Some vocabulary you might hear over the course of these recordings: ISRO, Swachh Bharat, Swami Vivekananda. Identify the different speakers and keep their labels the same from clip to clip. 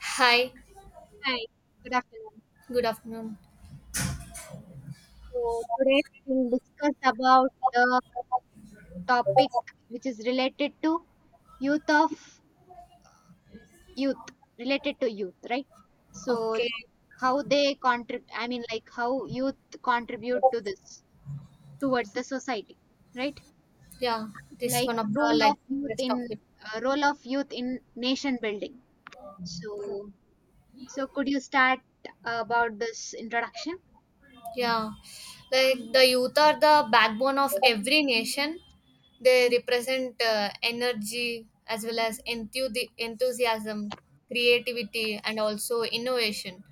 Speaker 1: Hi,
Speaker 2: Hi, good afternoon.
Speaker 1: good afternoon.
Speaker 2: So today we'll discuss about the topic which is related to youth of youth, right? So
Speaker 1: Okay,
Speaker 2: like how they contribute, I mean like how youth contribute to this towards the society, right?
Speaker 1: yeah, this is
Speaker 2: Like
Speaker 1: one of the like best topic.
Speaker 2: role of youth in nation building. So so could you start about this introduction?
Speaker 1: Yeah, like the youth are the backbone of every nation. They represent energy as well as enthusiasm, creativity, and also innovation.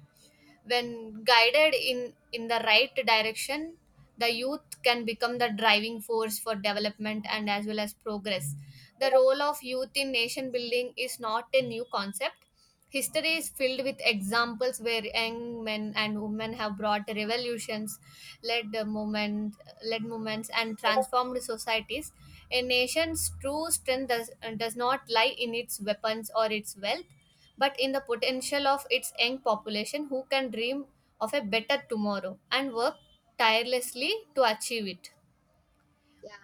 Speaker 1: When guided in the right direction, the youth can become the driving force for development and as well as progress. The role of youth in nation building is not a new concept. History is filled with examples where young men and women have brought revolutions, led the movement, led movements, and transformed societies. A nation's true strength does not lie in its weapons or its wealth, but in the potential of its young population who can dream of a better tomorrow and work tirelessly to achieve it
Speaker 2: Yeah.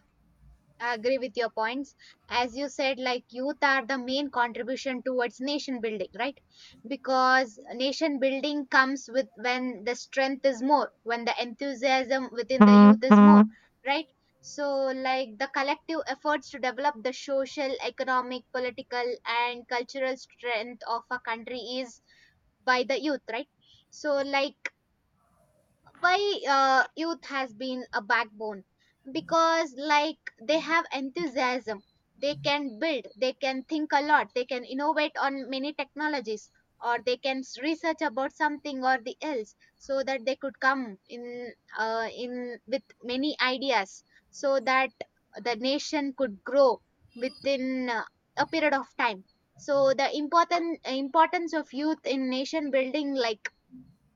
Speaker 2: I agree with your points. As you said, like youth are the main contribution towards nation building, right? Because nation building comes with when the strength is more, when the enthusiasm within the youth is more, right? So, like the collective efforts to develop the social, economic, political, and cultural strength of a country is by the youth, right? So, like why, youth has been a backbone, because like they have enthusiasm. They can build, they can think a lot, they can innovate on many technologies, or they can research about something or the else, so that they could come in with many ideas so that the nation could grow within a period of time. So the important importance of youth in nation building, like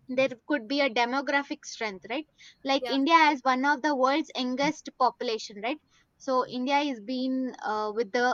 Speaker 2: there could be a demographic strength, right? Like
Speaker 1: yeah
Speaker 2: India has one of the world's youngest population, right? So India is being, with the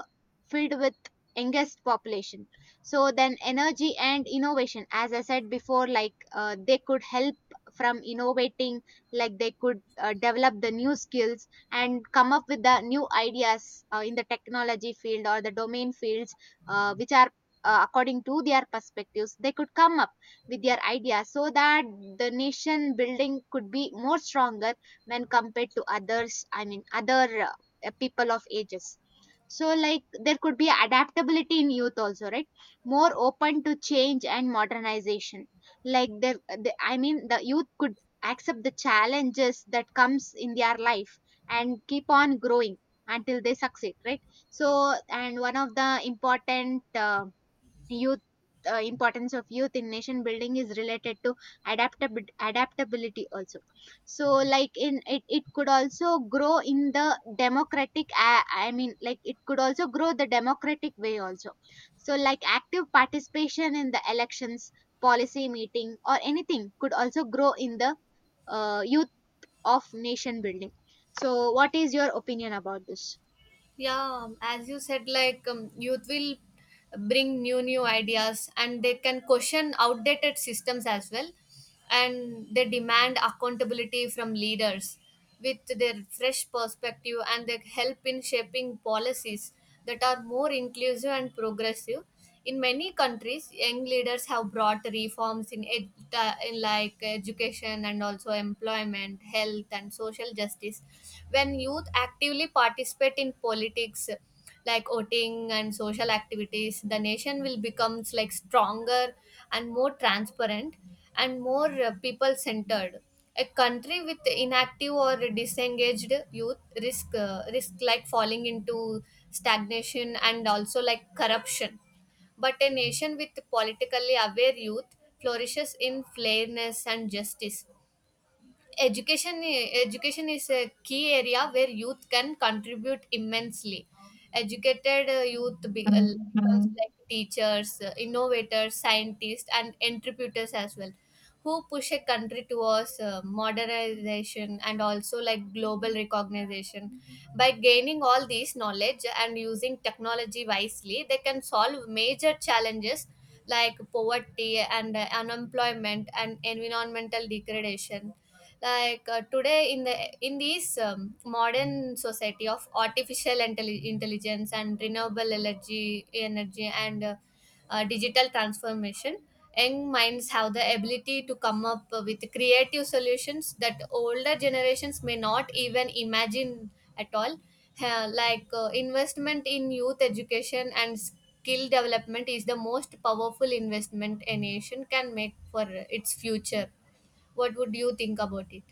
Speaker 2: filled with youngest population. So then energy and innovation, as I said before, like they could help from innovating. Like they could develop the new skills and come up with the new ideas in the technology field or the domain fields, which are, according to their perspectives, they could come with their ideas so that the nation building could be more stronger when compared to others, I mean other people of ages. So like there could be adaptability in youth also, right? More open to change and modernization. Like I mean the youth could accept the challenges that comes in their life and keep on growing until they succeed, right? So, and one of the important, youth importance of youth in nation building is related to adaptability also. So like it could also grow in the democratic, I mean like it could also grow the democratic way also. So like active participation in the elections, policy meeting or anything could also grow in the youth of nation building. So what is your opinion about this?
Speaker 1: yeah as you said, like youth will bring new ideas, and they can question outdated systems as well, and they demand accountability from leaders with their fresh perspective, and they help in shaping policies that are more inclusive and progressive. In many countries, young leaders have brought reforms in like education and also employment, health, and social justice. When youth actively participate in politics, like voting and social activities, the nation will become like stronger and more transparent and more people centered. A country with inactive or disengaged youth risk like falling into stagnation and also like corruption, but a nation with politically aware youth flourishes in fairness and justice. Education is a key area where youth can contribute immensely. Educated youth becomes like teachers, innovators, scientists, and entrepreneurs as well, who push a country towards modernization and also like global recognition. By gaining all these knowledge and using technology wisely, they can solve major challenges like poverty and unemployment and environmental degradation. Like today in the in this modern society of artificial intelligence and renewable energy and digital transformation, young minds have the ability to come up with creative solutions that older generations may not even imagine at all. Investment in youth education and skill development is the most powerful investment a nation can make for its future. What would you think about it?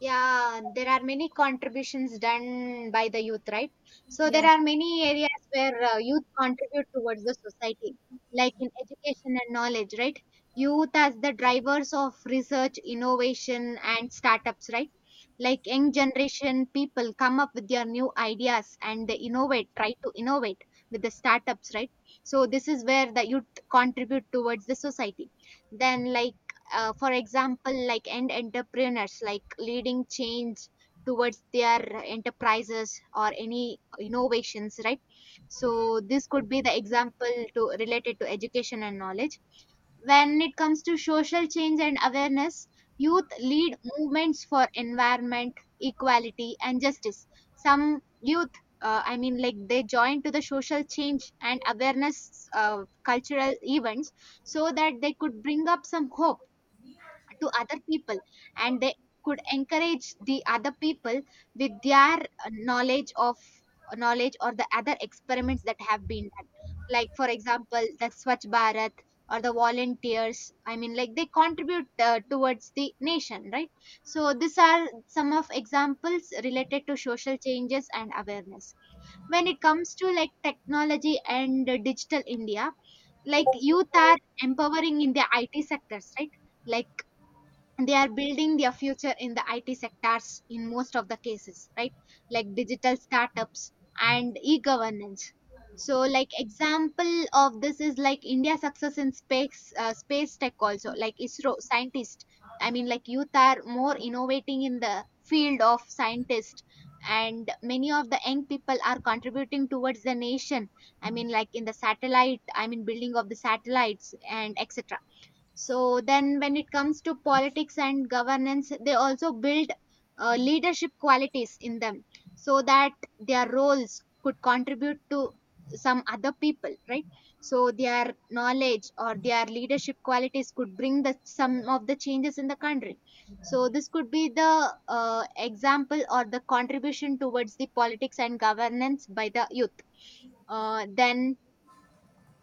Speaker 2: Yeah, there are many contributions done by the youth, right? So there
Speaker 1: Yes.
Speaker 2: are many areas where youth contribute towards the society, like in education and knowledge, right? Youth as the drivers of research, innovation, and startups, right? Like young generation people come up with their new ideas and they innovate, try to innovate with the startups, right? So this is where the youth contribute towards the society. Then, like for example like end entrepreneurs like leading change towards their enterprises or any innovations, right? So this could be the example to related to education and knowledge. When it comes to social change and awareness, youth lead movements for environment, equality and justice. Some youth, I mean like they join to the social change and awareness, cultural events, so that they could bring up some hope to other people, and they could encourage the other people with their, knowledge or the other experiments that have been done. Like for example the Swachh Bharat or the volunteers, I mean like they contribute towards the nation, right? So these are some of examples related to social changes and awareness. When it comes to like technology and digital India, like youth are empowering in the IT sectors, right? Like they are building their future in the IT sectors in most of the cases, right? Like digital startups and e-governance. So, like example of this is like India's success in space tech also. Like ISRO scientists, I mean, like youth are more innovating in the field of scientist, and many of the young people are contributing towards the nation. I mean, like in the satellite, I mean, building of the satellites and etc. So then when it comes to politics and governance, they also build leadership qualities in them so that their roles could contribute to some other people, right? So their knowledge or their leadership qualities could bring the some of the changes in the country. So this could be the example or the contribution towards the politics and governance by the youth. Then,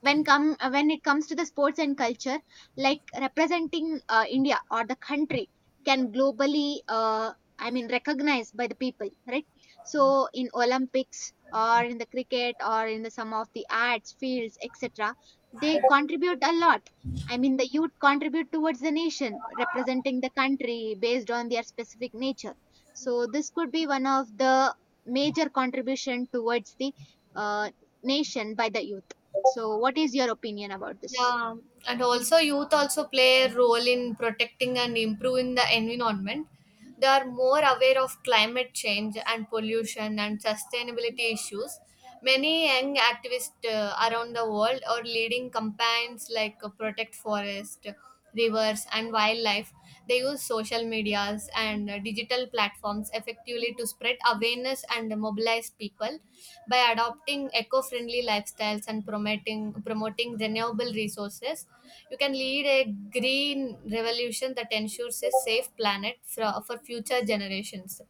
Speaker 2: when it comes to the sports and culture, like representing India or the country, can globally, uh, I mean recognized by the people, right? So in Olympics or in the cricket or in the some of the arts fields etc they contribute a lot, I mean the youth contribute towards the nation representing the country based on their specific nature. So this could be one of the major contribution towards the uh, nation by the youth. So, what is your opinion about this?
Speaker 1: Yeah. And also youth also play a role in protecting and improving the environment. They are more aware of climate change and pollution and sustainability issues. Many young activists around the world are leading campaigns like Protect Forest, rivers, and wildlife. They use social medias and digital platforms effectively to spread awareness and mobilize people by adopting eco-friendly lifestyles and promoting renewable resources. You can lead a green revolution that ensures a safe planet for future generations.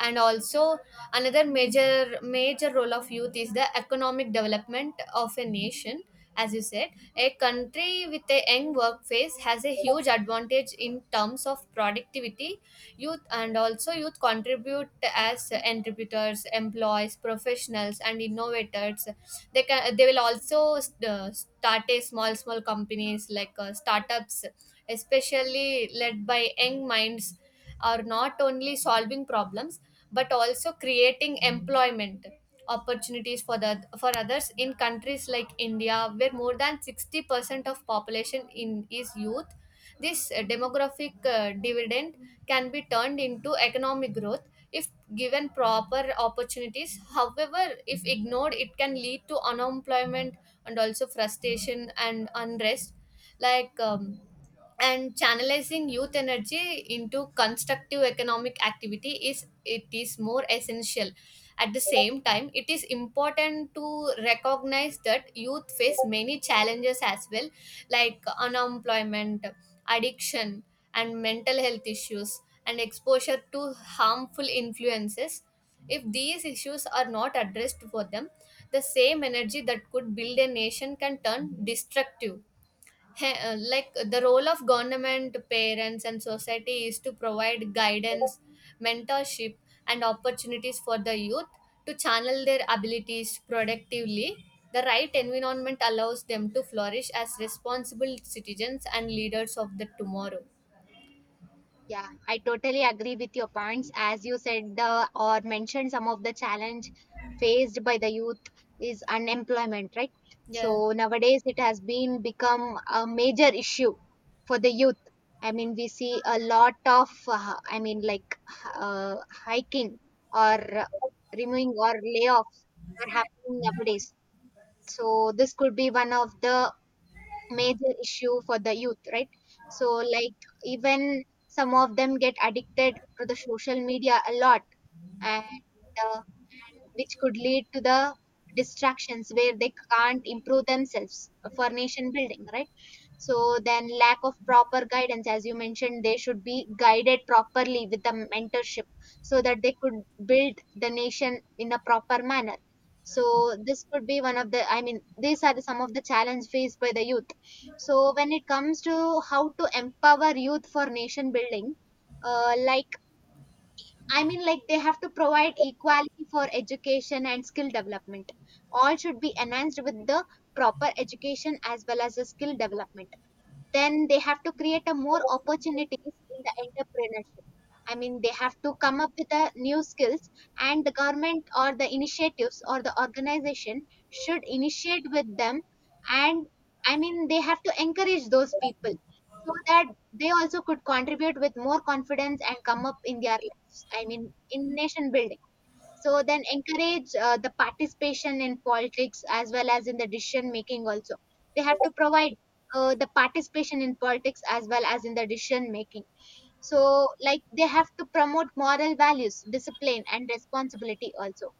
Speaker 1: And also another major role of youth is the economic development of a nation. As you said, a country with a young workforce has a huge advantage in terms of productivity. Youth and also Youth contribute as entrepreneurs, employees, professionals, and innovators. They will also start a small companies like startups, especially led by young minds, are not only solving problems but also creating employment opportunities for others. In countries like india where more than 60% of population in is youth, this demographic dividend can be turned into economic growth if given proper opportunities. However, if ignored, it can lead to unemployment and also frustration and unrest. Like um, and channelizing youth energy into constructive economic activity is it is more essential. At the same time, it is important to recognize that youth face many challenges as well, like unemployment, addiction, and mental health issues, and exposure to harmful influences. If these issues are not addressed for them, the same energy that could build a nation can turn destructive. Hey, like The role of government, parents, and society is to provide guidance, mentorship, and opportunities for the youth to channel their abilities productively. The right environment allows them to flourish as responsible citizens and leaders of the tomorrow.
Speaker 2: Yeah, I totally agree with your points. As you said or mentioned, some of the challenge faced by the youth is unemployment, right?
Speaker 1: Yeah.
Speaker 2: So nowadays it has been become a major issue for the youth. I mean, we see a lot of, I mean, like hiking or removing or layoffs are happening nowadays. So this could be one of the major issue for the youth, right? So like even some of them get addicted to the social media a lot and, uh, which could lead to the distractions where they can't improve themselves for nation building, right? So then lack of proper guidance, as you mentioned, they should be guided properly with the mentorship so that they could build the nation in a proper manner. So this could be one of the, I mean these are some of the challenge faced by the youth. So when it comes to how to empower youth for nation building, like I mean like they have to provide equality for education and skill development. All should be enhanced with the proper education as well as the skill development. Then they have to create a more opportunities in the entrepreneurship, I mean they have to come up with a new skills, and the government or the initiatives or the organization should initiate with them. And I mean they have to encourage those people so that they also could contribute with more confidence and come up in their lives, I mean in nation building. So then encourage the participation in politics as well as in the decision making also. They have to provide the participation in politics as well as in the decision making. So like they have to promote moral values, discipline and responsibility also,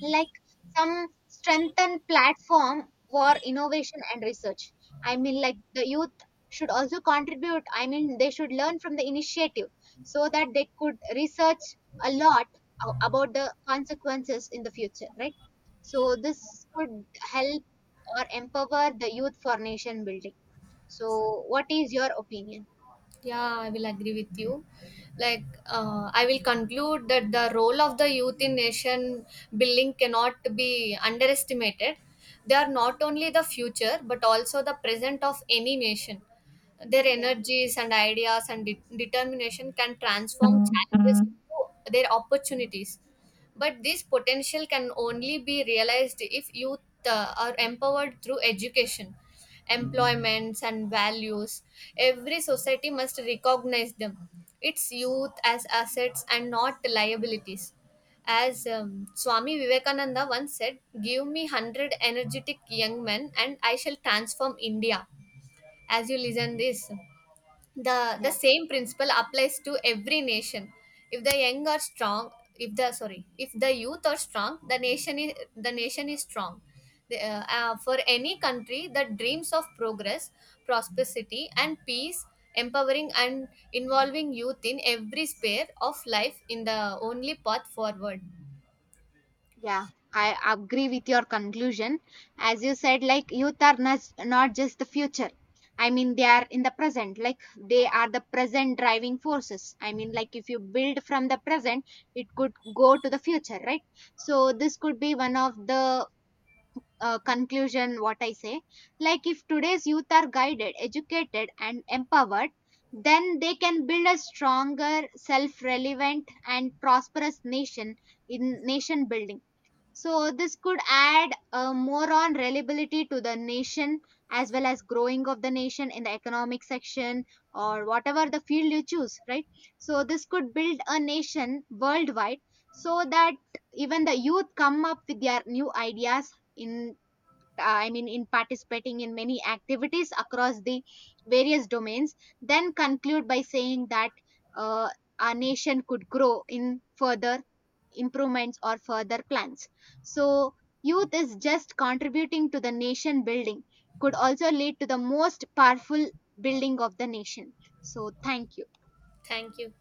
Speaker 2: like some strengthen platform for innovation and research. I mean like the youth should also contribute, I mean they should learn from the initiative so that they could research a lot about the consequences in the future, right? So this could help or empower the youth for nation building. So what is your opinion?
Speaker 1: Yeah, I will agree with you. Like, I will conclude that the role of the youth in nation building cannot be underestimated. They are not only the future, but also the present of any nation. Their
Speaker 2: Yeah.
Speaker 1: energies and ideas and determination can transform
Speaker 2: Mm,
Speaker 1: challenges
Speaker 2: mm.
Speaker 1: into their opportunities. But this potential can only be realized if youth are empowered through education, employments, and values. Every society must recognize them, its youth as assets and not liabilities. As Swami Vivekananda once said, give me 100 energetic young men, and I shall transform India. As you listen this, the
Speaker 2: Yeah.
Speaker 1: same principle applies to every nation. If the young are strong, if the sorry, if the youth are strong, the nation is strong. For any country, the dreams of progress, prosperity, and peace, empowering and involving youth in every sphere of life in the only path forward.
Speaker 2: Yeah, I agree with your conclusion. As you said, like youth are not just the future. I mean, they are in the present, like they are the present driving forces. I mean, like if you build from the present, it could go to the future, right? So, this could be one of the conclusion what I say. Like, if today's youth are guided, educated, and empowered, then they can build a stronger, self relevant, and prosperous nation in nation building. So this could add more on reliability to the nation as well as growing of the nation in the economic section or whatever the field you choose, right? So this could build a nation worldwide so that even the youth come up with their new ideas in, I mean, in participating in many activities across the various domains, then conclude by saying that uh, our nation could grow in further improvements or further plans. So, youth is just contributing to the nation building, could also lead to the most powerful building of the nation. So, thank you.
Speaker 1: Thank you.